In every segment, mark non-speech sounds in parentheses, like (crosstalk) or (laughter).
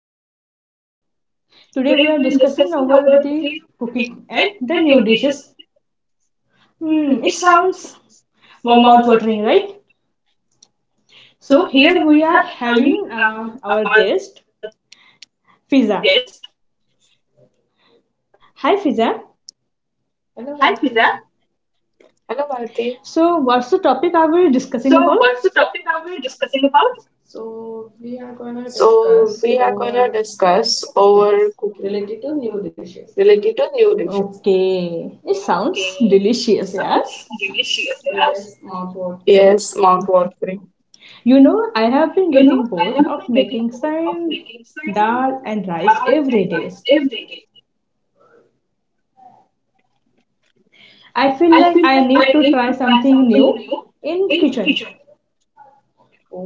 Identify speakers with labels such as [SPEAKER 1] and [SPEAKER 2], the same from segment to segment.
[SPEAKER 1] I am Bharti. Today we are discussing over the cooking and the new dishes. Hmm, it sounds mouth watering, right? So here we are having our guest Fiza. Hi Fiza. So what's the topic are we discussing about?
[SPEAKER 2] So we are gonna discuss over cooking related to new dishes.
[SPEAKER 1] Okay, it sounds delicious, yeah.
[SPEAKER 2] Yes, mouth watering.
[SPEAKER 1] You know, I have been getting bored of making same dal and rice every day. I feel like I need to try something new in kitchen.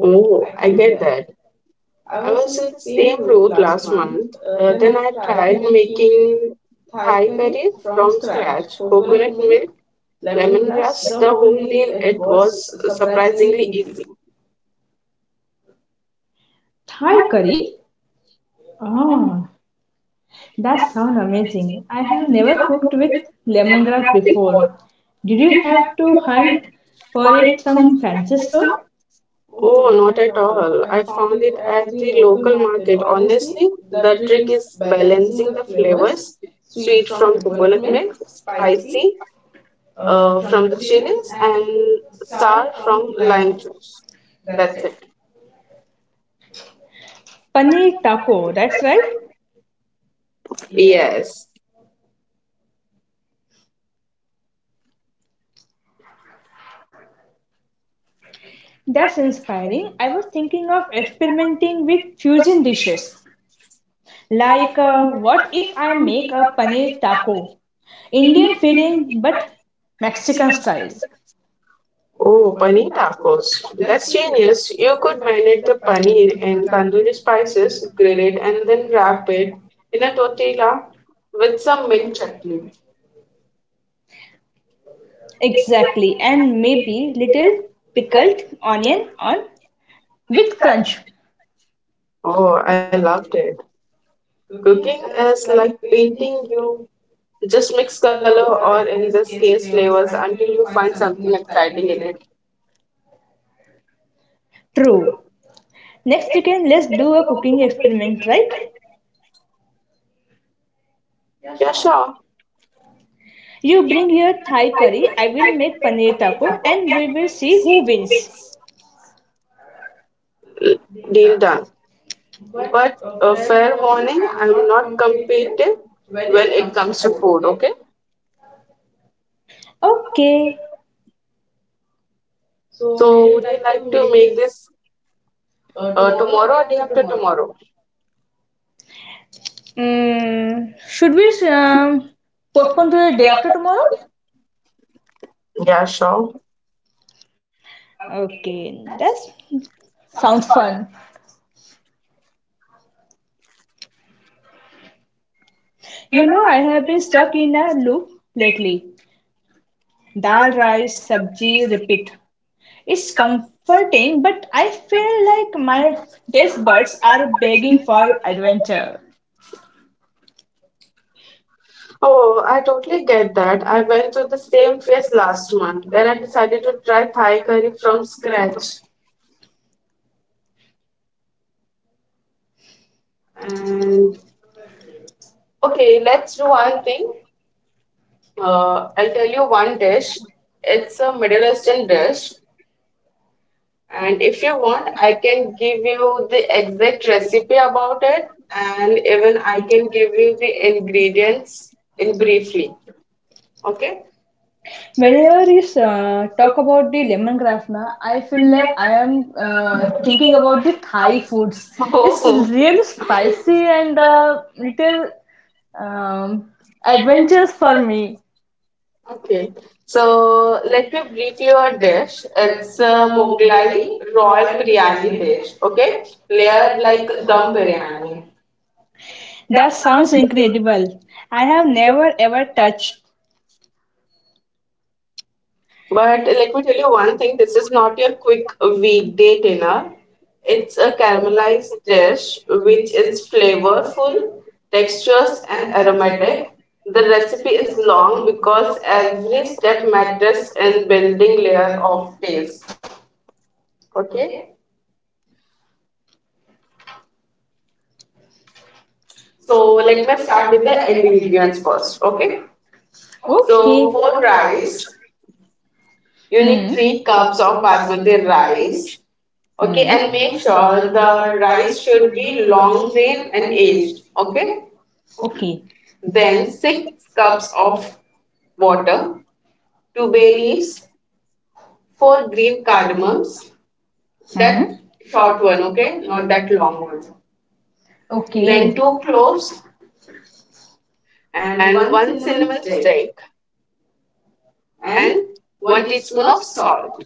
[SPEAKER 2] Oh, I get that. I was in the same route last month. Then I tried making Thai curry from scratch, coconut milk, lemongrass, the whole deal. It was surprisingly easy.
[SPEAKER 1] Thai curry? Ah, that sounds amazing. I have never cooked with lemongrass before. Did you have to hunt for it some fancy store?
[SPEAKER 2] Oh, not at all. I found it at the local market. Honestly, the trick is balancing the flavors, sweet from coconut milk, spicy from the chilies, and sour from lime juice. That's it.
[SPEAKER 1] Paneer taco, that's right.
[SPEAKER 2] Yes.
[SPEAKER 1] That's inspiring. I was thinking of experimenting with fusion dishes. What if I make a paneer taco? Indian feeling but Mexican style.
[SPEAKER 2] Oh, paneer tacos. That's genius. You could marinate the paneer in tandoori spices, grill it, and then wrap it in a tortilla with some mint chutney.
[SPEAKER 1] Exactly, and maybe little pickled onion on with crunch.
[SPEAKER 2] Oh, I loved it. Cooking is like painting, you just mix color or in this case flavors until you find something exciting in it.
[SPEAKER 1] True. Next weekend, let's do a cooking experiment, right?
[SPEAKER 2] Yeah, sure,
[SPEAKER 1] You bring your Thai curry, I will make paneer taco, and we will see who wins.
[SPEAKER 2] deal done. But a fair warning, I'm not competitive when it comes to food, okay?
[SPEAKER 1] Okay.
[SPEAKER 2] So would you like to make this tomorrow or day after tomorrow?
[SPEAKER 1] Mm, should we postpone to the day after tomorrow?
[SPEAKER 2] Yeah, sure.
[SPEAKER 1] Okay, that sounds fun. You know, I have been stuck in a loop lately. Dal rice sabji repeat. It's comforting, but I feel like my taste buds are begging for adventure.
[SPEAKER 2] Oh, I totally get that. I went to the same phase last month. Then I decided to try Thai curry from scratch. And okay, let's do one thing. I'll tell you one dish. It's a Middle Eastern dish, and if you want, I can give you the exact recipe about it, and even I can give you the ingredients in briefly. Okay?
[SPEAKER 1] Whenever you talk about the lemongrass, na, I feel like I am thinking about the Thai foods.
[SPEAKER 2] (laughs)
[SPEAKER 1] It's
[SPEAKER 2] Oh,
[SPEAKER 1] really spicy and little um, adventures for me.
[SPEAKER 2] okay, so let me brief you a dish. It's a Mughlai royal biryani dish, okay? Layered like dum biryani.
[SPEAKER 1] That sounds incredible. I have never ever touched.
[SPEAKER 2] But let me tell you one thing, this is not your quick weekday dinner. It's a caramelized dish which is flavorful, texturous, and aromatic. The recipe is long because every step matters in building layer of taste, okay? So let me start with the ingredients first. Okay. So
[SPEAKER 1] Okay.
[SPEAKER 2] for rice, you need three cups of basmati rice. Okay, and make sure the rice should be long grain and aged. Okay.
[SPEAKER 1] Okay.
[SPEAKER 2] Then six cups of water, two bay leaves, four green cardamoms. That short one, okay, not that long one. Okay. Then
[SPEAKER 1] Okay.
[SPEAKER 2] two cloves and one cinnamon stick and one teaspoon of salt.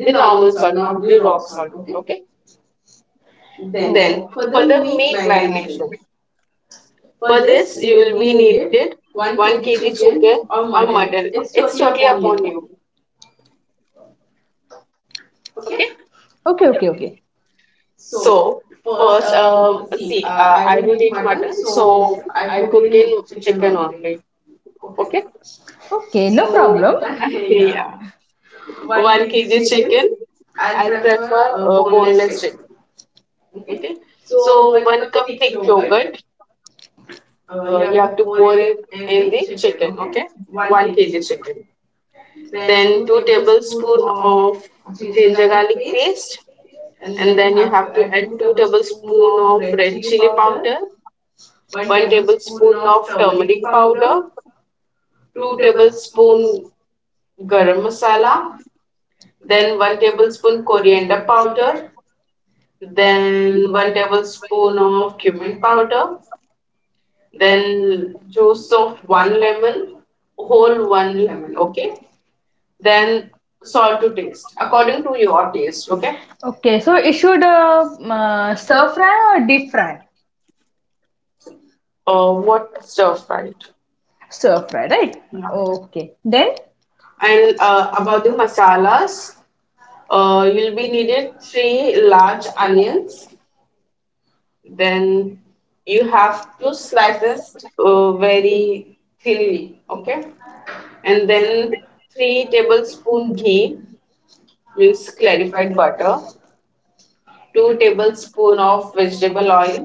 [SPEAKER 2] The normal salt, not the rock salt. Okay. Then
[SPEAKER 1] Oh.
[SPEAKER 2] for the meat marination, for this you will be needed one kg chicken or mutton. It's totally upon you. Okay.
[SPEAKER 1] Okay, okay, okay.
[SPEAKER 2] So first, see, I don't eat mutton, so I cook in chicken only. Okay.
[SPEAKER 1] Okay, no so,
[SPEAKER 2] So
[SPEAKER 1] problem.
[SPEAKER 2] (laughs) yeah,
[SPEAKER 1] (laughs)
[SPEAKER 2] one kg chicken. I prefer boneless chicken. Okay. So one cup thick yogurt. You have to pour it in the chicken, okay? One kg chicken. Then two tablespoon of ginger garlic paste, and then you have to add two tablespoon of red chili powder, one tablespoon of turmeric powder, two tablespoon garam masala, then one tablespoon coriander powder, then one tablespoon of cumin powder, then juice of one lemon, whole one lemon, okay? Then salt to taste, according to your taste, okay?
[SPEAKER 1] Okay, so it should stir fry or deep fry?
[SPEAKER 2] What stir fried?
[SPEAKER 1] Stir fry, right?
[SPEAKER 2] Yeah.
[SPEAKER 1] Okay. Then
[SPEAKER 2] And about the masalas, you'll be needed three large onions. Then you have two slices, very thinly, okay? And then three tablespoon ghee means clarified butter, two tablespoon of vegetable oil,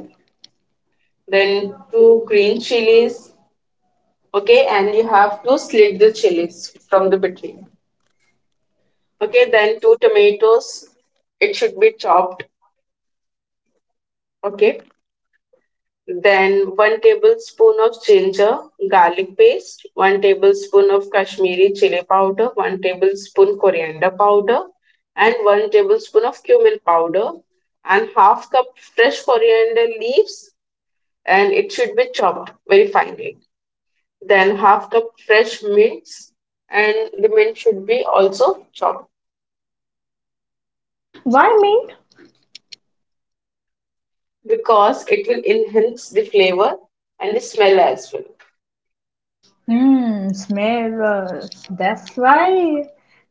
[SPEAKER 2] then two green chilies, okay, and you have to slit the chilies from the between, okay, then two tomatoes, it should be chopped, okay, then one tablespoon of ginger garlic paste, one tablespoon of kashmiri chili powder, one tablespoon coriander powder, and one tablespoon of cumin powder, and half cup fresh coriander leaves, and it should be chopped very finely, then half cup fresh mints, and the mint should be also chopped
[SPEAKER 1] why meat?
[SPEAKER 2] because it will enhance the flavor and the smell as well.
[SPEAKER 1] Hmm, smell. That's why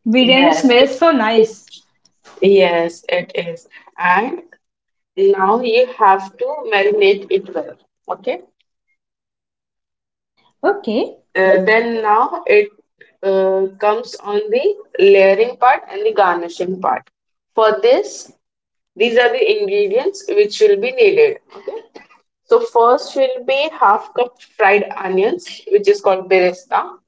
[SPEAKER 1] biryani, yeah, smells so nice.
[SPEAKER 2] Yes, it is. And now you have to marinate it well. Okay.
[SPEAKER 1] Okay,
[SPEAKER 2] Then now it comes on the layering part and the garnishing part. For this, these are the ingredients which will be needed. So first will be half cup fried onions, which is called beresta.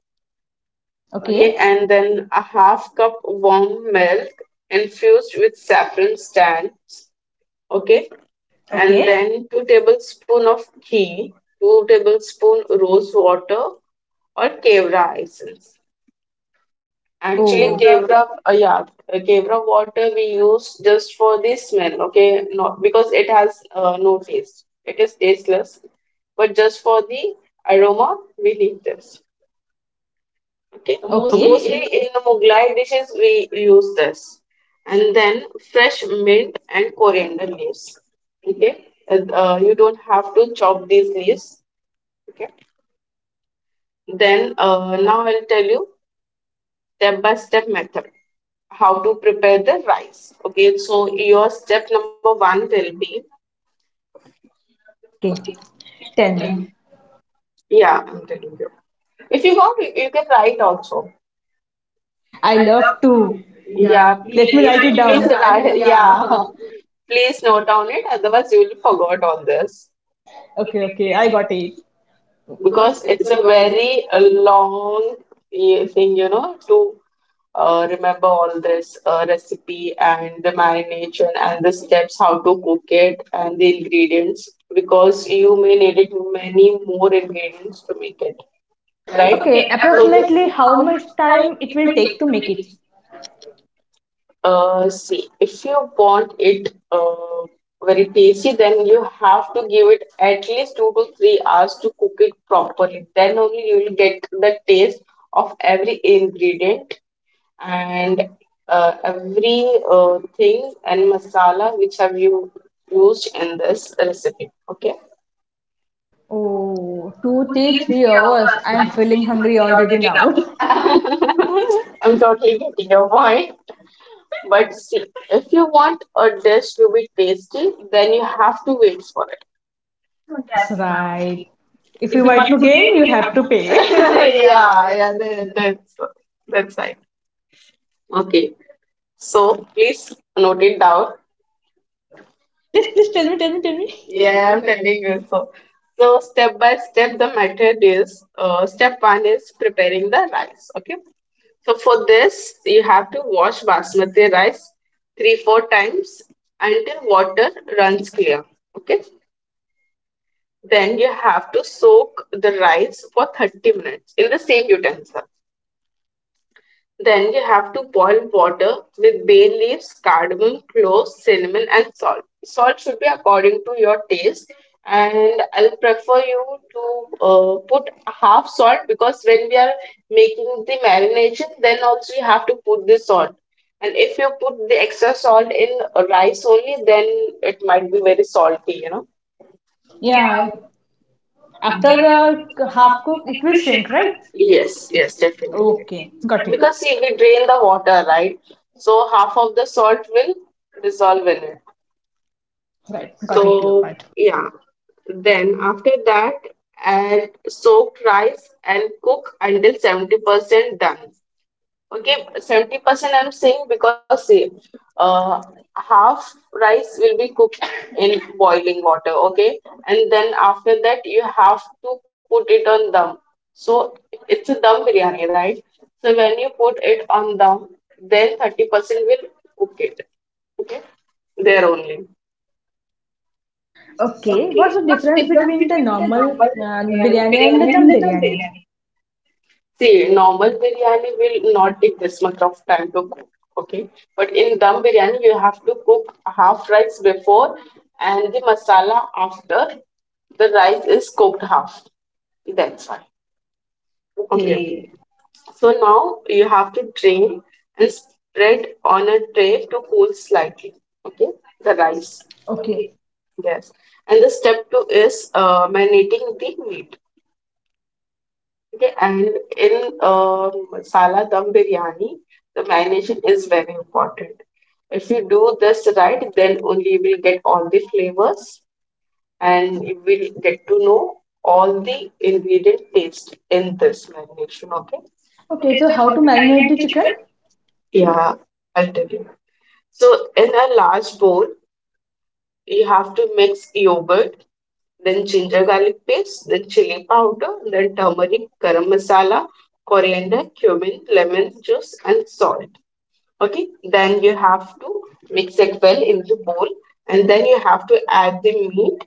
[SPEAKER 1] okay,
[SPEAKER 2] Okay,
[SPEAKER 1] okay,
[SPEAKER 2] and then a half cup warm milk infused with saffron stands. Okay, and
[SPEAKER 1] okay.
[SPEAKER 2] then two tablespoon of ghee, two tablespoon rose water or kevra essence. Actually, so,
[SPEAKER 1] Oh.
[SPEAKER 2] Kevra, yeah, Kevra water we use just for the smell, okay? Not because it has no taste. It is tasteless, but just for the aroma, we need this, okay? Mostly
[SPEAKER 1] Okay.
[SPEAKER 2] in the Mughlai dishes, we use this. And then fresh mint and coriander leaves, okay? You don't have to chop these leaves, okay? Then now I'll tell you step by step method how to prepare the rice. Okay, so your step number one will be
[SPEAKER 1] Okay. Tell me.
[SPEAKER 2] yeah, I'm telling you. If you want, you can write also.
[SPEAKER 1] I love to.
[SPEAKER 2] Yeah,
[SPEAKER 1] Let me
[SPEAKER 2] please,
[SPEAKER 1] write it
[SPEAKER 2] please,
[SPEAKER 1] down.
[SPEAKER 2] write- yeah, (laughs) please note down it. Otherwise, you will forget all this.
[SPEAKER 1] Okay, okay, I got it.
[SPEAKER 2] Because it's a very long thing, you know, to remember all this recipe and the marination and the steps, how to cook it, and the ingredients because you may need it many more ingredients to make it,
[SPEAKER 1] Okay,
[SPEAKER 2] right?
[SPEAKER 1] so this
[SPEAKER 2] So this
[SPEAKER 1] approximately how much time it will take to make it?
[SPEAKER 2] see, if you want it very tasty, then you have to give it at least 2 to 3 hours to cook it properly. Then only you will get the taste of every ingredient and every thing and masala which have you used in this recipe. Okay.
[SPEAKER 1] Oh, two, three, 3 hours. I am feeling hungry already now.
[SPEAKER 2] (laughs) I'm totally getting your point. But see, if you want a dish to be tasty, then you have to wait for
[SPEAKER 1] (laughs) That's right. If you want to gain, you have to
[SPEAKER 2] (laughs)
[SPEAKER 1] pay.
[SPEAKER 2] yeah, yeah, that's that's right. Okay, so please note it down.
[SPEAKER 1] (laughs) Please, please tell me, tell me, tell me.
[SPEAKER 2] Yeah, I'm telling you so. So step by step, the method is step one is preparing the rice. Okay, so for this you have to wash basmati rice 3 4 times until water runs clear. Okay, then you have to soak the rice for 30 minutes in the same utensil. Then you have to boil water with bay leaves, cardamom, cloves, cinnamon, and salt. Salt should be according to your taste, and I'll prefer you to put half salt because when we are making the marination, then also you have to put the salt. And if you put the extra salt in rice only, then it might be very salty, you know.
[SPEAKER 1] Yeah, after half cook, it will shrink, right?
[SPEAKER 2] Yes, yes, definitely.
[SPEAKER 1] Okay, got it.
[SPEAKER 2] Because see, we drain the water, right? So half of the salt will dissolve in it.
[SPEAKER 1] Right, got it, your
[SPEAKER 2] So
[SPEAKER 1] point.
[SPEAKER 2] yeah, then after that, add soaked rice and cook until 70% done. Okay, 70% I'm saying because see, uh, half rice will be cooked in boiling water. Okay, and then after that, you have to put it on dum. So it's a dum biryani, right? So when you put it on dum, then 30% will cook it. Okay, there only.
[SPEAKER 1] Okay, what's the difference between the normal biryani and the dum biryani?
[SPEAKER 2] See, normal biryani will not take this much of time to cook, okay? But in dum biryani, you have to cook half rice before and the masala after the rice is cooked half. That's why. Okay. So now you have to drain and spread on a tray to cool slightly. Okay, the rice.
[SPEAKER 1] Okay, okay,
[SPEAKER 2] Yes. And the step two is marinating the meat. Okay, and in masala dum biryani, the marination is very important. If you do this right, then only you will get all the flavors and you will get to know all the ingredient taste in this marination. Okay,
[SPEAKER 1] okay. So how to marinate the chicken?
[SPEAKER 2] yeah, I'll tell you. So, in a large bowl, you have to mix yogurt, then ginger garlic paste, then chili powder, then turmeric, garam masala, coriander, cumin, lemon juice, and salt. Okay, then you have to mix it well in the bowl, and then you have to add the meat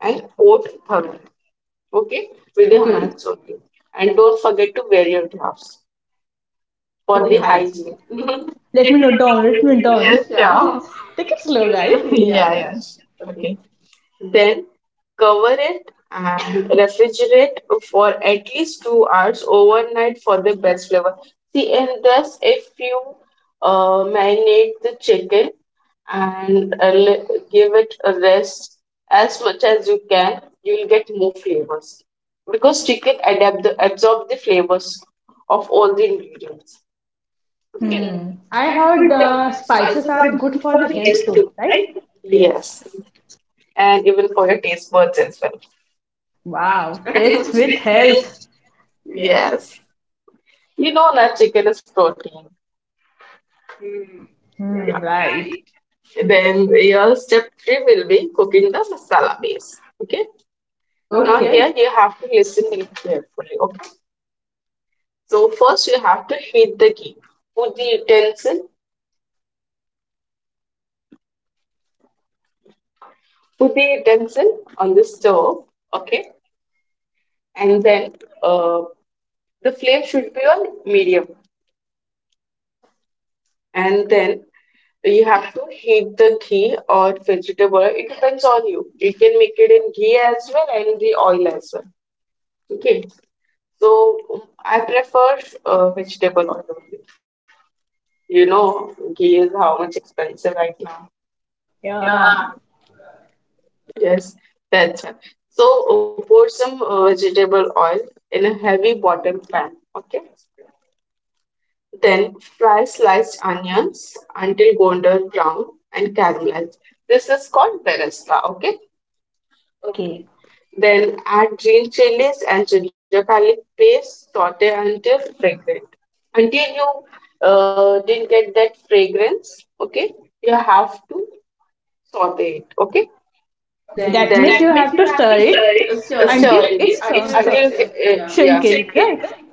[SPEAKER 2] and coat thoroughly. Okay, with your hands only, and don't forget to wear your gloves for
[SPEAKER 1] Okay,
[SPEAKER 2] the
[SPEAKER 1] okay.
[SPEAKER 2] hygiene. (laughs)
[SPEAKER 1] Let
[SPEAKER 2] Let
[SPEAKER 1] me
[SPEAKER 2] me
[SPEAKER 1] note
[SPEAKER 2] note
[SPEAKER 1] down.
[SPEAKER 2] down.
[SPEAKER 1] Let
[SPEAKER 2] Let
[SPEAKER 1] me
[SPEAKER 2] me note down. Yes,
[SPEAKER 1] note
[SPEAKER 2] yeah.
[SPEAKER 1] down. (laughs) Take
[SPEAKER 2] Take
[SPEAKER 1] it
[SPEAKER 2] it
[SPEAKER 1] slow, guys.
[SPEAKER 2] slow, guys. (laughs) Yeah,
[SPEAKER 1] (laughs)
[SPEAKER 2] yes. Okay. Then cover it and refrigerate for at least 2 hours overnight for the best flavor. See, and thus if you marinate the chicken and give it a rest as much as you can, you will get more flavors because chicken adapt absorb the flavors of all the ingredients. Okay.
[SPEAKER 1] Hmm. I heard spices are good for the health too, right?
[SPEAKER 2] Yes and even for your taste buds as well.
[SPEAKER 1] Wow, (laughs) taste with health.
[SPEAKER 2] Yes. You know that chicken is protein.
[SPEAKER 1] Yeah. Hmm.
[SPEAKER 2] Yeah.
[SPEAKER 1] Right.
[SPEAKER 2] Then your step three will be cooking the masala base. Okay. Now
[SPEAKER 1] Okay.
[SPEAKER 2] here you have to listen really carefully. Okay. So first you have to heat the ghee. Put the utensil. Put the utensil on the stove. Okay. And then uh, the flame should be on medium. And then so you have to heat the ghee or vegetable. It depends on you. You can make it in ghee as well and the oil as well. Okay. So I prefer vegetable oil only. You know, ghee is how much expensive right now.
[SPEAKER 1] Yeah. Yeah.
[SPEAKER 2] Yes, that's why. So pour some vegetable oil in a heavy bottom pan. Okay. Then fry sliced onions until golden brown and caramelized. This is called beresla, okay?
[SPEAKER 1] Okay.
[SPEAKER 2] Then add green chilies and ginger garlic paste, saute until fragrant. Until you didn't get that fragrance, okay, you have to saute it, okay? Okay.
[SPEAKER 1] That
[SPEAKER 2] Then
[SPEAKER 1] means you
[SPEAKER 2] that means
[SPEAKER 1] have
[SPEAKER 2] you
[SPEAKER 1] to
[SPEAKER 2] have
[SPEAKER 1] stir
[SPEAKER 2] to stir
[SPEAKER 1] it
[SPEAKER 2] it.
[SPEAKER 1] until
[SPEAKER 2] Stir it.
[SPEAKER 1] it.
[SPEAKER 2] Until
[SPEAKER 1] It's
[SPEAKER 2] it's until done.
[SPEAKER 1] uh, so,
[SPEAKER 2] Yeah.
[SPEAKER 1] shrinkage,
[SPEAKER 2] Check it,
[SPEAKER 1] right?
[SPEAKER 2] right?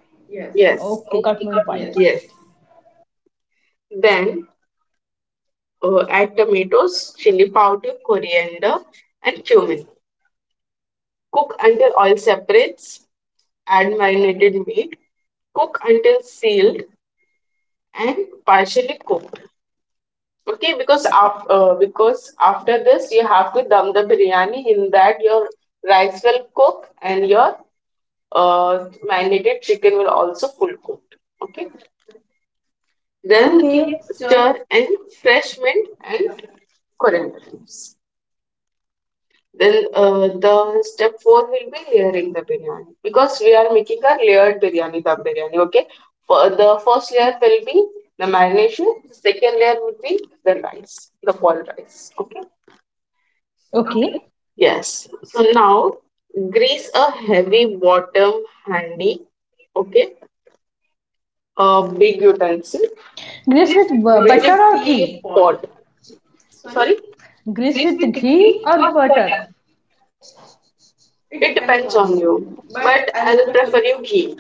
[SPEAKER 2] Yes.
[SPEAKER 1] Okay, got
[SPEAKER 2] Okay.
[SPEAKER 1] my
[SPEAKER 2] Got it.
[SPEAKER 1] point.
[SPEAKER 2] Yes. Then add tomatoes, chili powder, coriander, and cumin. Cook until oil separates. Add marinated meat, cook until sealed and partially cooked. Okay, because after this you have to dum the biryani. In that your rice will cook and your marinated chicken will also full cooked. Okay, then keep
[SPEAKER 1] Okay,
[SPEAKER 2] stir and fresh mint and coriander leaves. Then the step four will be layering the biryani because we are making a layered the biryani. Okay, for the first layer will be the marination. The second layer would be the rice, the boiled rice. Okay.
[SPEAKER 1] okay.
[SPEAKER 2] Yes. So now grease a heavy bottom handy. Okay. A big utensil,
[SPEAKER 1] Grease with
[SPEAKER 2] which
[SPEAKER 1] butter
[SPEAKER 2] is
[SPEAKER 1] or ghee?
[SPEAKER 2] teapot. Sorry.
[SPEAKER 1] Grease with ghee or butter?
[SPEAKER 2] It depends on you, but I'll prefer you ghee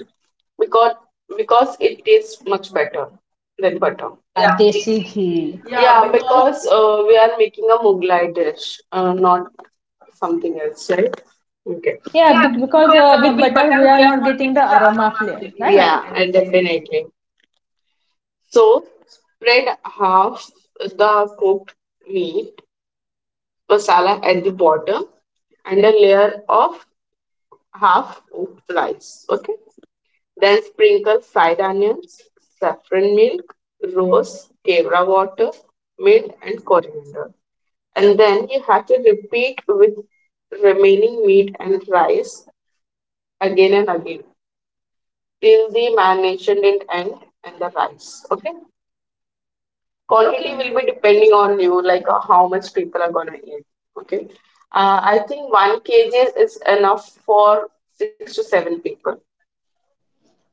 [SPEAKER 2] because because it tastes much better than butter.
[SPEAKER 1] Yeah, desi ghee.
[SPEAKER 2] Yeah, because we are making a Mughlai dish, not something else, right? Okay.
[SPEAKER 1] Yeah,
[SPEAKER 2] Yeah,
[SPEAKER 1] bec-
[SPEAKER 2] b-
[SPEAKER 1] because
[SPEAKER 2] because
[SPEAKER 1] uh,
[SPEAKER 2] uh,
[SPEAKER 1] with
[SPEAKER 2] with
[SPEAKER 1] butter
[SPEAKER 2] butter
[SPEAKER 1] we
[SPEAKER 2] we
[SPEAKER 1] are
[SPEAKER 2] are
[SPEAKER 1] not
[SPEAKER 2] not
[SPEAKER 1] getting the
[SPEAKER 2] getting the
[SPEAKER 1] aroma
[SPEAKER 2] aroma of
[SPEAKER 1] flavor,
[SPEAKER 2] it.
[SPEAKER 1] right?
[SPEAKER 2] Yeah, definitely. So spread half the cooked meat masala at the bottom and a layer of half cooked rice. Okay. Then sprinkle fried onions, saffron milk, rose, kevra water, mint and coriander. And then you have to repeat with remaining meat and rice again and again till the marination didn't end and the rice. Okay. Quantity
[SPEAKER 1] Okay.
[SPEAKER 2] will be depending on you, like how much people are gonna eat. Okay. I think 1 kg is enough for six to seven people.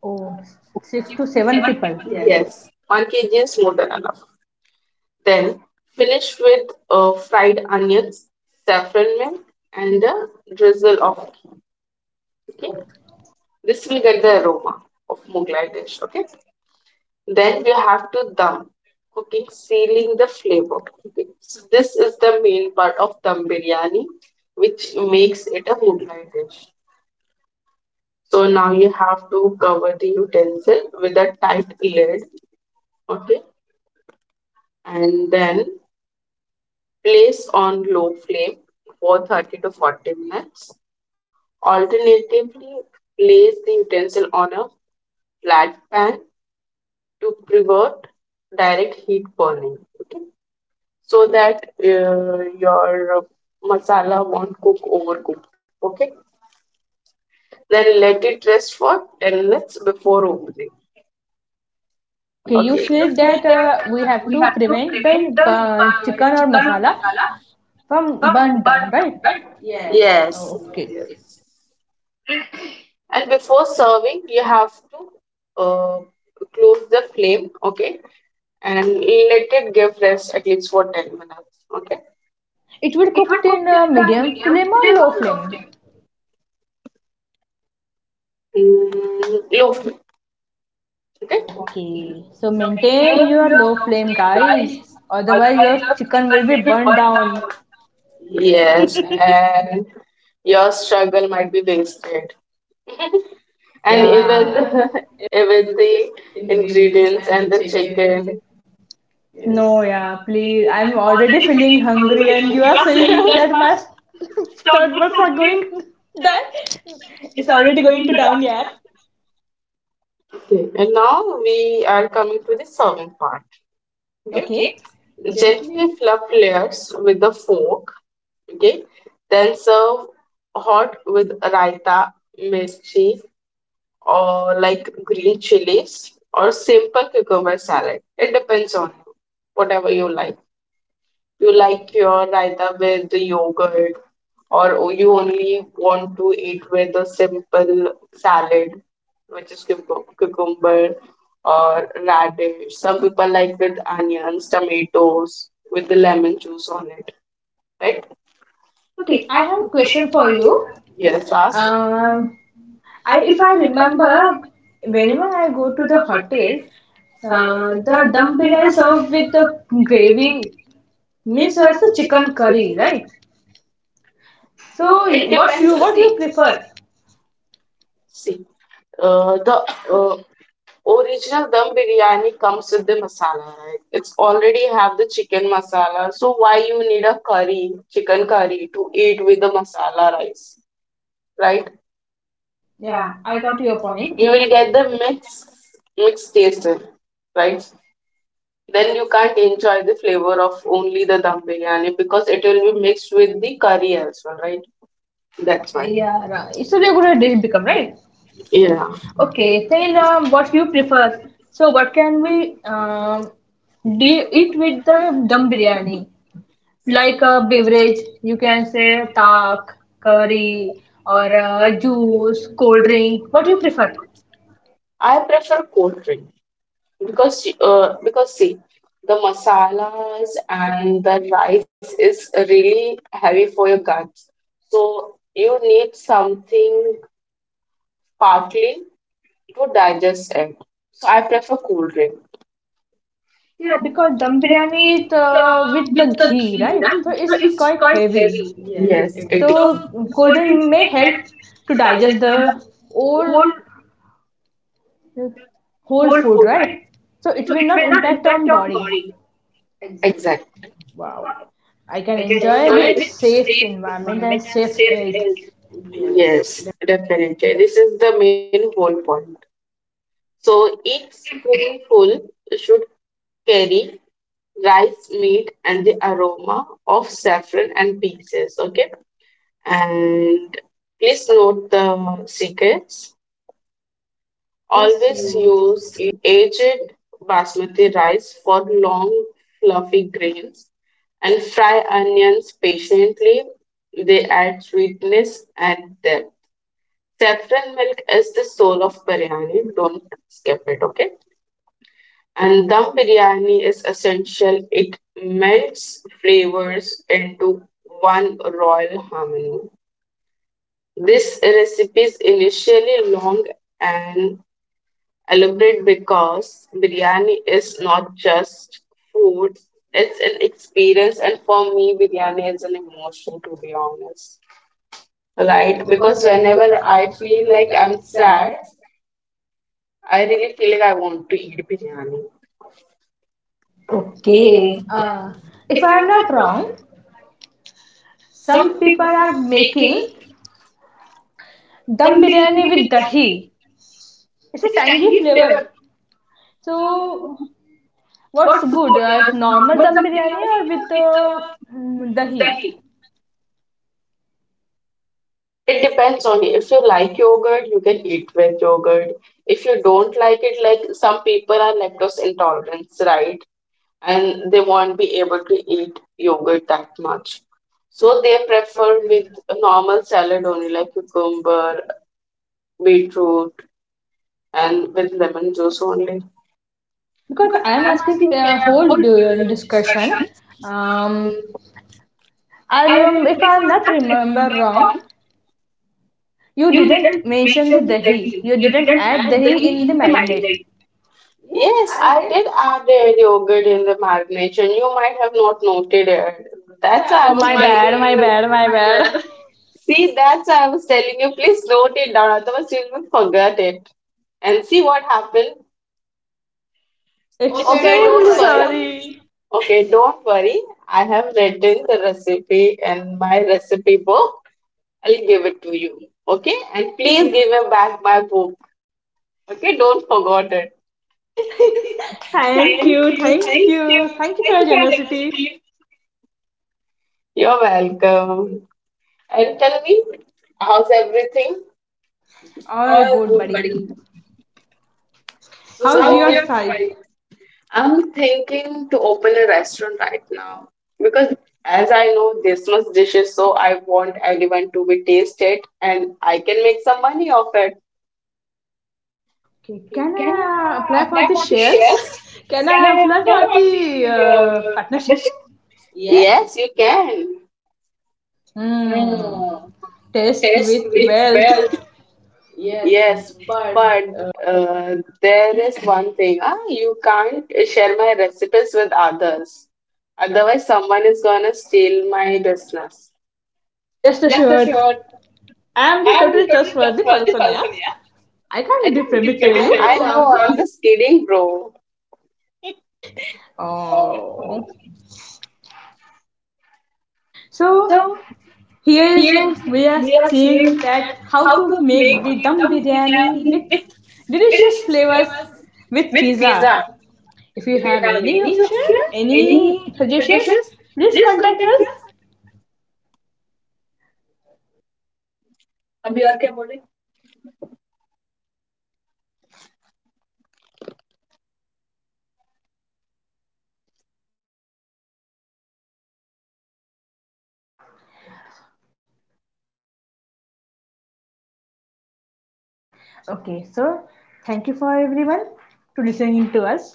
[SPEAKER 1] Oh, six to seven people.
[SPEAKER 2] Yes, 1 kg is more than enough. Then finish with fried onions, saffron milk, and a drizzle of ghee.
[SPEAKER 1] Oh,
[SPEAKER 2] Okay, this will get the aroma of Mughlai dish. Okay, then we have to dum cooking, sealing the flavor. Okay, so this is the main part of dum biryani, which makes it a Mughlai dish. So now you have to cover the utensil with a tight lid. Okay, and then place on low flame for 30 to 40 minutes. Alternatively, place the utensil on a flat pan to prevent direct heat burning. Okay? So that your masala won't cook overcooked. Okay. Then let it rest for 10 minutes before opening.
[SPEAKER 1] okay, you
[SPEAKER 2] Okay. Okay, you
[SPEAKER 1] said
[SPEAKER 2] say
[SPEAKER 1] that we
[SPEAKER 2] that
[SPEAKER 1] have
[SPEAKER 2] we
[SPEAKER 1] to
[SPEAKER 2] have to
[SPEAKER 1] prevent the
[SPEAKER 2] prevent the
[SPEAKER 1] chicken or
[SPEAKER 2] chicken or
[SPEAKER 1] masala
[SPEAKER 2] masala.
[SPEAKER 1] from burnt down, right?
[SPEAKER 2] Yes.
[SPEAKER 1] Okay.
[SPEAKER 2] Yes. And before serving, you have to close the flame, okay, and let it give rest at least for 10 minutes, okay.
[SPEAKER 1] It will cooked in medium flame or low flame?
[SPEAKER 2] Mm, low flame, okay.
[SPEAKER 1] Okay. So maintain your low flame, guys. Otherwise, your chicken will be burnt down.
[SPEAKER 2] Yes, and your struggle might be wasted. And even
[SPEAKER 1] Yeah.
[SPEAKER 2] (laughs) even the ingredients and the chicken.
[SPEAKER 1] (laughs)
[SPEAKER 2] Yes.
[SPEAKER 1] No, yeah, please. I'm already
[SPEAKER 2] (laughs)
[SPEAKER 1] feeling hungry, and you are saying that my (laughs) third buds are going. (laughs) That it's already going to down, yeah.
[SPEAKER 2] Okay, and now we are coming to the serving part. Okay. Okay.
[SPEAKER 1] Okay.
[SPEAKER 2] Gently fluff layers with a fork. Okay. Then serve hot with raita, mirchi, or like green chilies or simple cucumber salad. It depends on whatever you like. You like your raita with the yogurt, or you only want to eat with a simple salad, which is cucumber or radish. Some people like with onions, tomatoes, with the lemon juice on it, right?
[SPEAKER 1] Okay, I have a question for you.
[SPEAKER 2] Yes, ask.
[SPEAKER 1] Uh, I if I remember, whenever I go to the hotel, the dum biryani served with the gravy means as the chicken curry, right? So it what you depends what the you taste. Prefer?
[SPEAKER 2] See, the original dum biryani comes with the masala, right? It's already have the chicken masala, so why you need a curry, chicken curry to eat with the masala rice, right?
[SPEAKER 1] Yeah, I got your point.
[SPEAKER 2] You will get the mixed taste, right? Then you can't enjoy the flavor of only the dum biryani because it will be mixed with the curry as well, right? That's why.
[SPEAKER 1] Yeah, right. It's a regular dish become right.
[SPEAKER 2] Yeah.
[SPEAKER 1] Okay, then what you prefer? So what can we um, do eat with the dum biryani? Like a beverage, you can say taak curry or juice, cold drink, what do you prefer?
[SPEAKER 2] I prefer cold drink, because because see the masalas and the rice is really heavy for your guts, so you need something sparkling to digest it, so I prefer cool drink.
[SPEAKER 1] Yeah, because dum biryani is with the ghee, right? So it's quite heavy,
[SPEAKER 2] Yes,
[SPEAKER 1] so
[SPEAKER 2] it is. So
[SPEAKER 1] cold drink may help to digest the whole whole food, right? So it will not impact on body.
[SPEAKER 2] exactly.
[SPEAKER 1] Wow, I can enjoy
[SPEAKER 2] So
[SPEAKER 1] with safe
[SPEAKER 2] you,
[SPEAKER 1] environment and safe health.
[SPEAKER 2] yes, definitely this is the main whole point. So each spoonful should carry rice, meat, and the aroma of saffron and peaches. Okay, and please note the secrets. Always use aged basmati rice for long, fluffy grains, and fry onions patiently. They add sweetness and depth. Saffron milk is the soul of biryani. Don't skip it. Okay. And dum biryani is essential. It melts flavors into one royal harmony. This recipe is initially long and elaborate because biryani is not just food, it's an experience. And for me, biryani is an emotion, to be honest. Right? Because whenever I feel like I'm sad, I really feel like I want to eat biryani.
[SPEAKER 1] Okay, if I am not wrong, some people are making dum biryani with dahi. It's a tangy flavor. So, what's good? Normal dum biryani or with dahi?
[SPEAKER 2] It depends on you. If you like yogurt, you can eat with yogurt. If you don't like it, like some people are lactose intolerant, right? And they won't be able to eat yogurt that much. So they prefer with a normal salad only, like cucumber, beetroot, and with lemon juice only.
[SPEAKER 1] Because I am asking a whole discussion. Um, I remember, if I am not remember wrong, you didn't mention the dahi. You didn't add dahi in the marinade.
[SPEAKER 2] Yes, I did add a yogurt in the marination. You might have not noted it. That's why I
[SPEAKER 1] Oh,
[SPEAKER 2] Oh was
[SPEAKER 1] my
[SPEAKER 2] Oh
[SPEAKER 1] bad, my bad,
[SPEAKER 2] telling
[SPEAKER 1] my bad.
[SPEAKER 2] you. See, that's why I was telling you, please note it down, otherwise you will forget it. And see what happened.
[SPEAKER 1] (laughs)
[SPEAKER 2] Okay,
[SPEAKER 1] Extremely
[SPEAKER 2] don't worry.
[SPEAKER 1] sorry.
[SPEAKER 2] Okay, don't worry. I have written the recipe in my recipe book. I'll give it to you. Okay? And please give me back my book. Okay, don't forget it.
[SPEAKER 1] (laughs) Thank you, thank you, thank you for your generosity.
[SPEAKER 2] You're welcome. And tell me, how's everything?
[SPEAKER 1] All good, buddy.
[SPEAKER 2] So,
[SPEAKER 1] How's
[SPEAKER 2] how's
[SPEAKER 1] your
[SPEAKER 2] your
[SPEAKER 1] side?
[SPEAKER 2] file? I'm thinking to open a restaurant right now because as I know this much dishes, so I want everyone to be tasted and I can make some money off it.
[SPEAKER 1] Okay, can I apply for the shares? (laughs) Can I apply for the partnership?
[SPEAKER 2] Yes, you can.
[SPEAKER 1] Hmm. Test with wealth.
[SPEAKER 2] Yes, but uh, there is one thing. Ah, you can't share my recipes with others. Otherwise, someone is gonna steal my business.
[SPEAKER 1] (laughs) Rest assured, I am the total trustworthy person. Yeah, I can't be primitive.
[SPEAKER 2] (laughs) I
[SPEAKER 1] You.
[SPEAKER 2] know, I'm
[SPEAKER 1] Kidding.
[SPEAKER 2] just kidding, bro.
[SPEAKER 1] Oh. So, here is we are seeing
[SPEAKER 2] Seeing.
[SPEAKER 1] that how to make the dum biryani with delicious flavors with pizza. If you have any option, any suggestions, please contact us. Okay, so thank you for everyone to listening to us.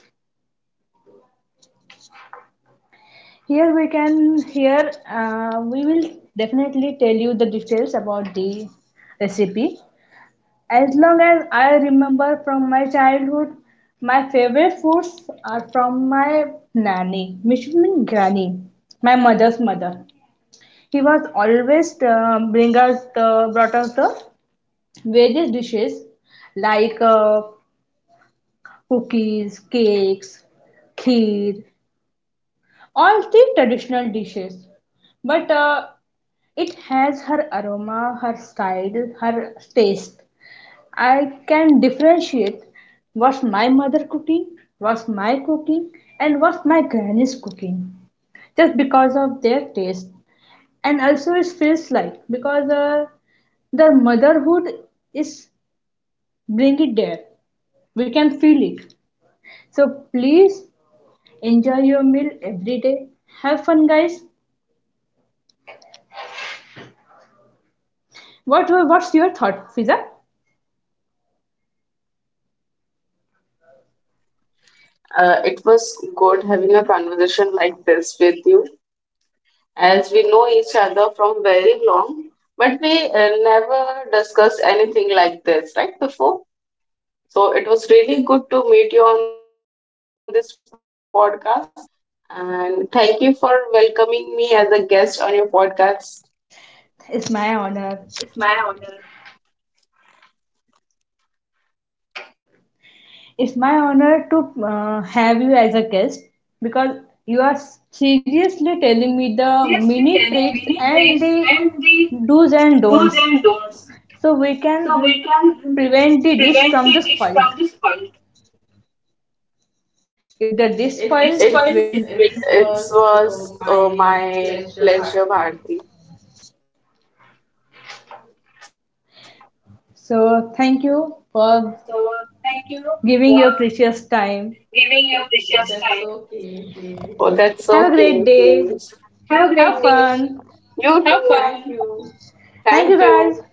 [SPEAKER 1] Here we can here we will definitely tell you the details about the recipe. As long as I remember from my childhood, my favorite foods are from my nanny, which means granny, my mother's mother. He was always bring us the brought us the various dishes like cookies, cakes, kheer, all the traditional dishes. But it has her aroma, her style, her taste. I can differentiate what's my mother cooking, what's my cooking, and what's my granny's cooking just because of their taste. And also, it feels like because the motherhood is bring it there. We can feel it. So please enjoy your meal every day. Have fun, guys. What's your thought, Fiza?
[SPEAKER 2] It was good having a conversation like this with you, as we know each other from very long, but we never discussed anything like this right before. So it was really good to meet you on this podcast, and thank you for welcoming me as a guest on your podcast.
[SPEAKER 1] It's my honor. It's my honor to have you as a guest because you are seriously telling me the mini tricks and the do's and don'ts so we can prevent the dish from the spoiled. If the dish spoils,
[SPEAKER 2] It
[SPEAKER 1] it will.
[SPEAKER 2] it was my pleasure, Bharti.
[SPEAKER 1] So thank you for giving your precious time.
[SPEAKER 2] Oh, that's okay. Please.
[SPEAKER 1] Have a great day. Have
[SPEAKER 2] You
[SPEAKER 1] fun.
[SPEAKER 2] too. Thank you.
[SPEAKER 1] Thank you guys.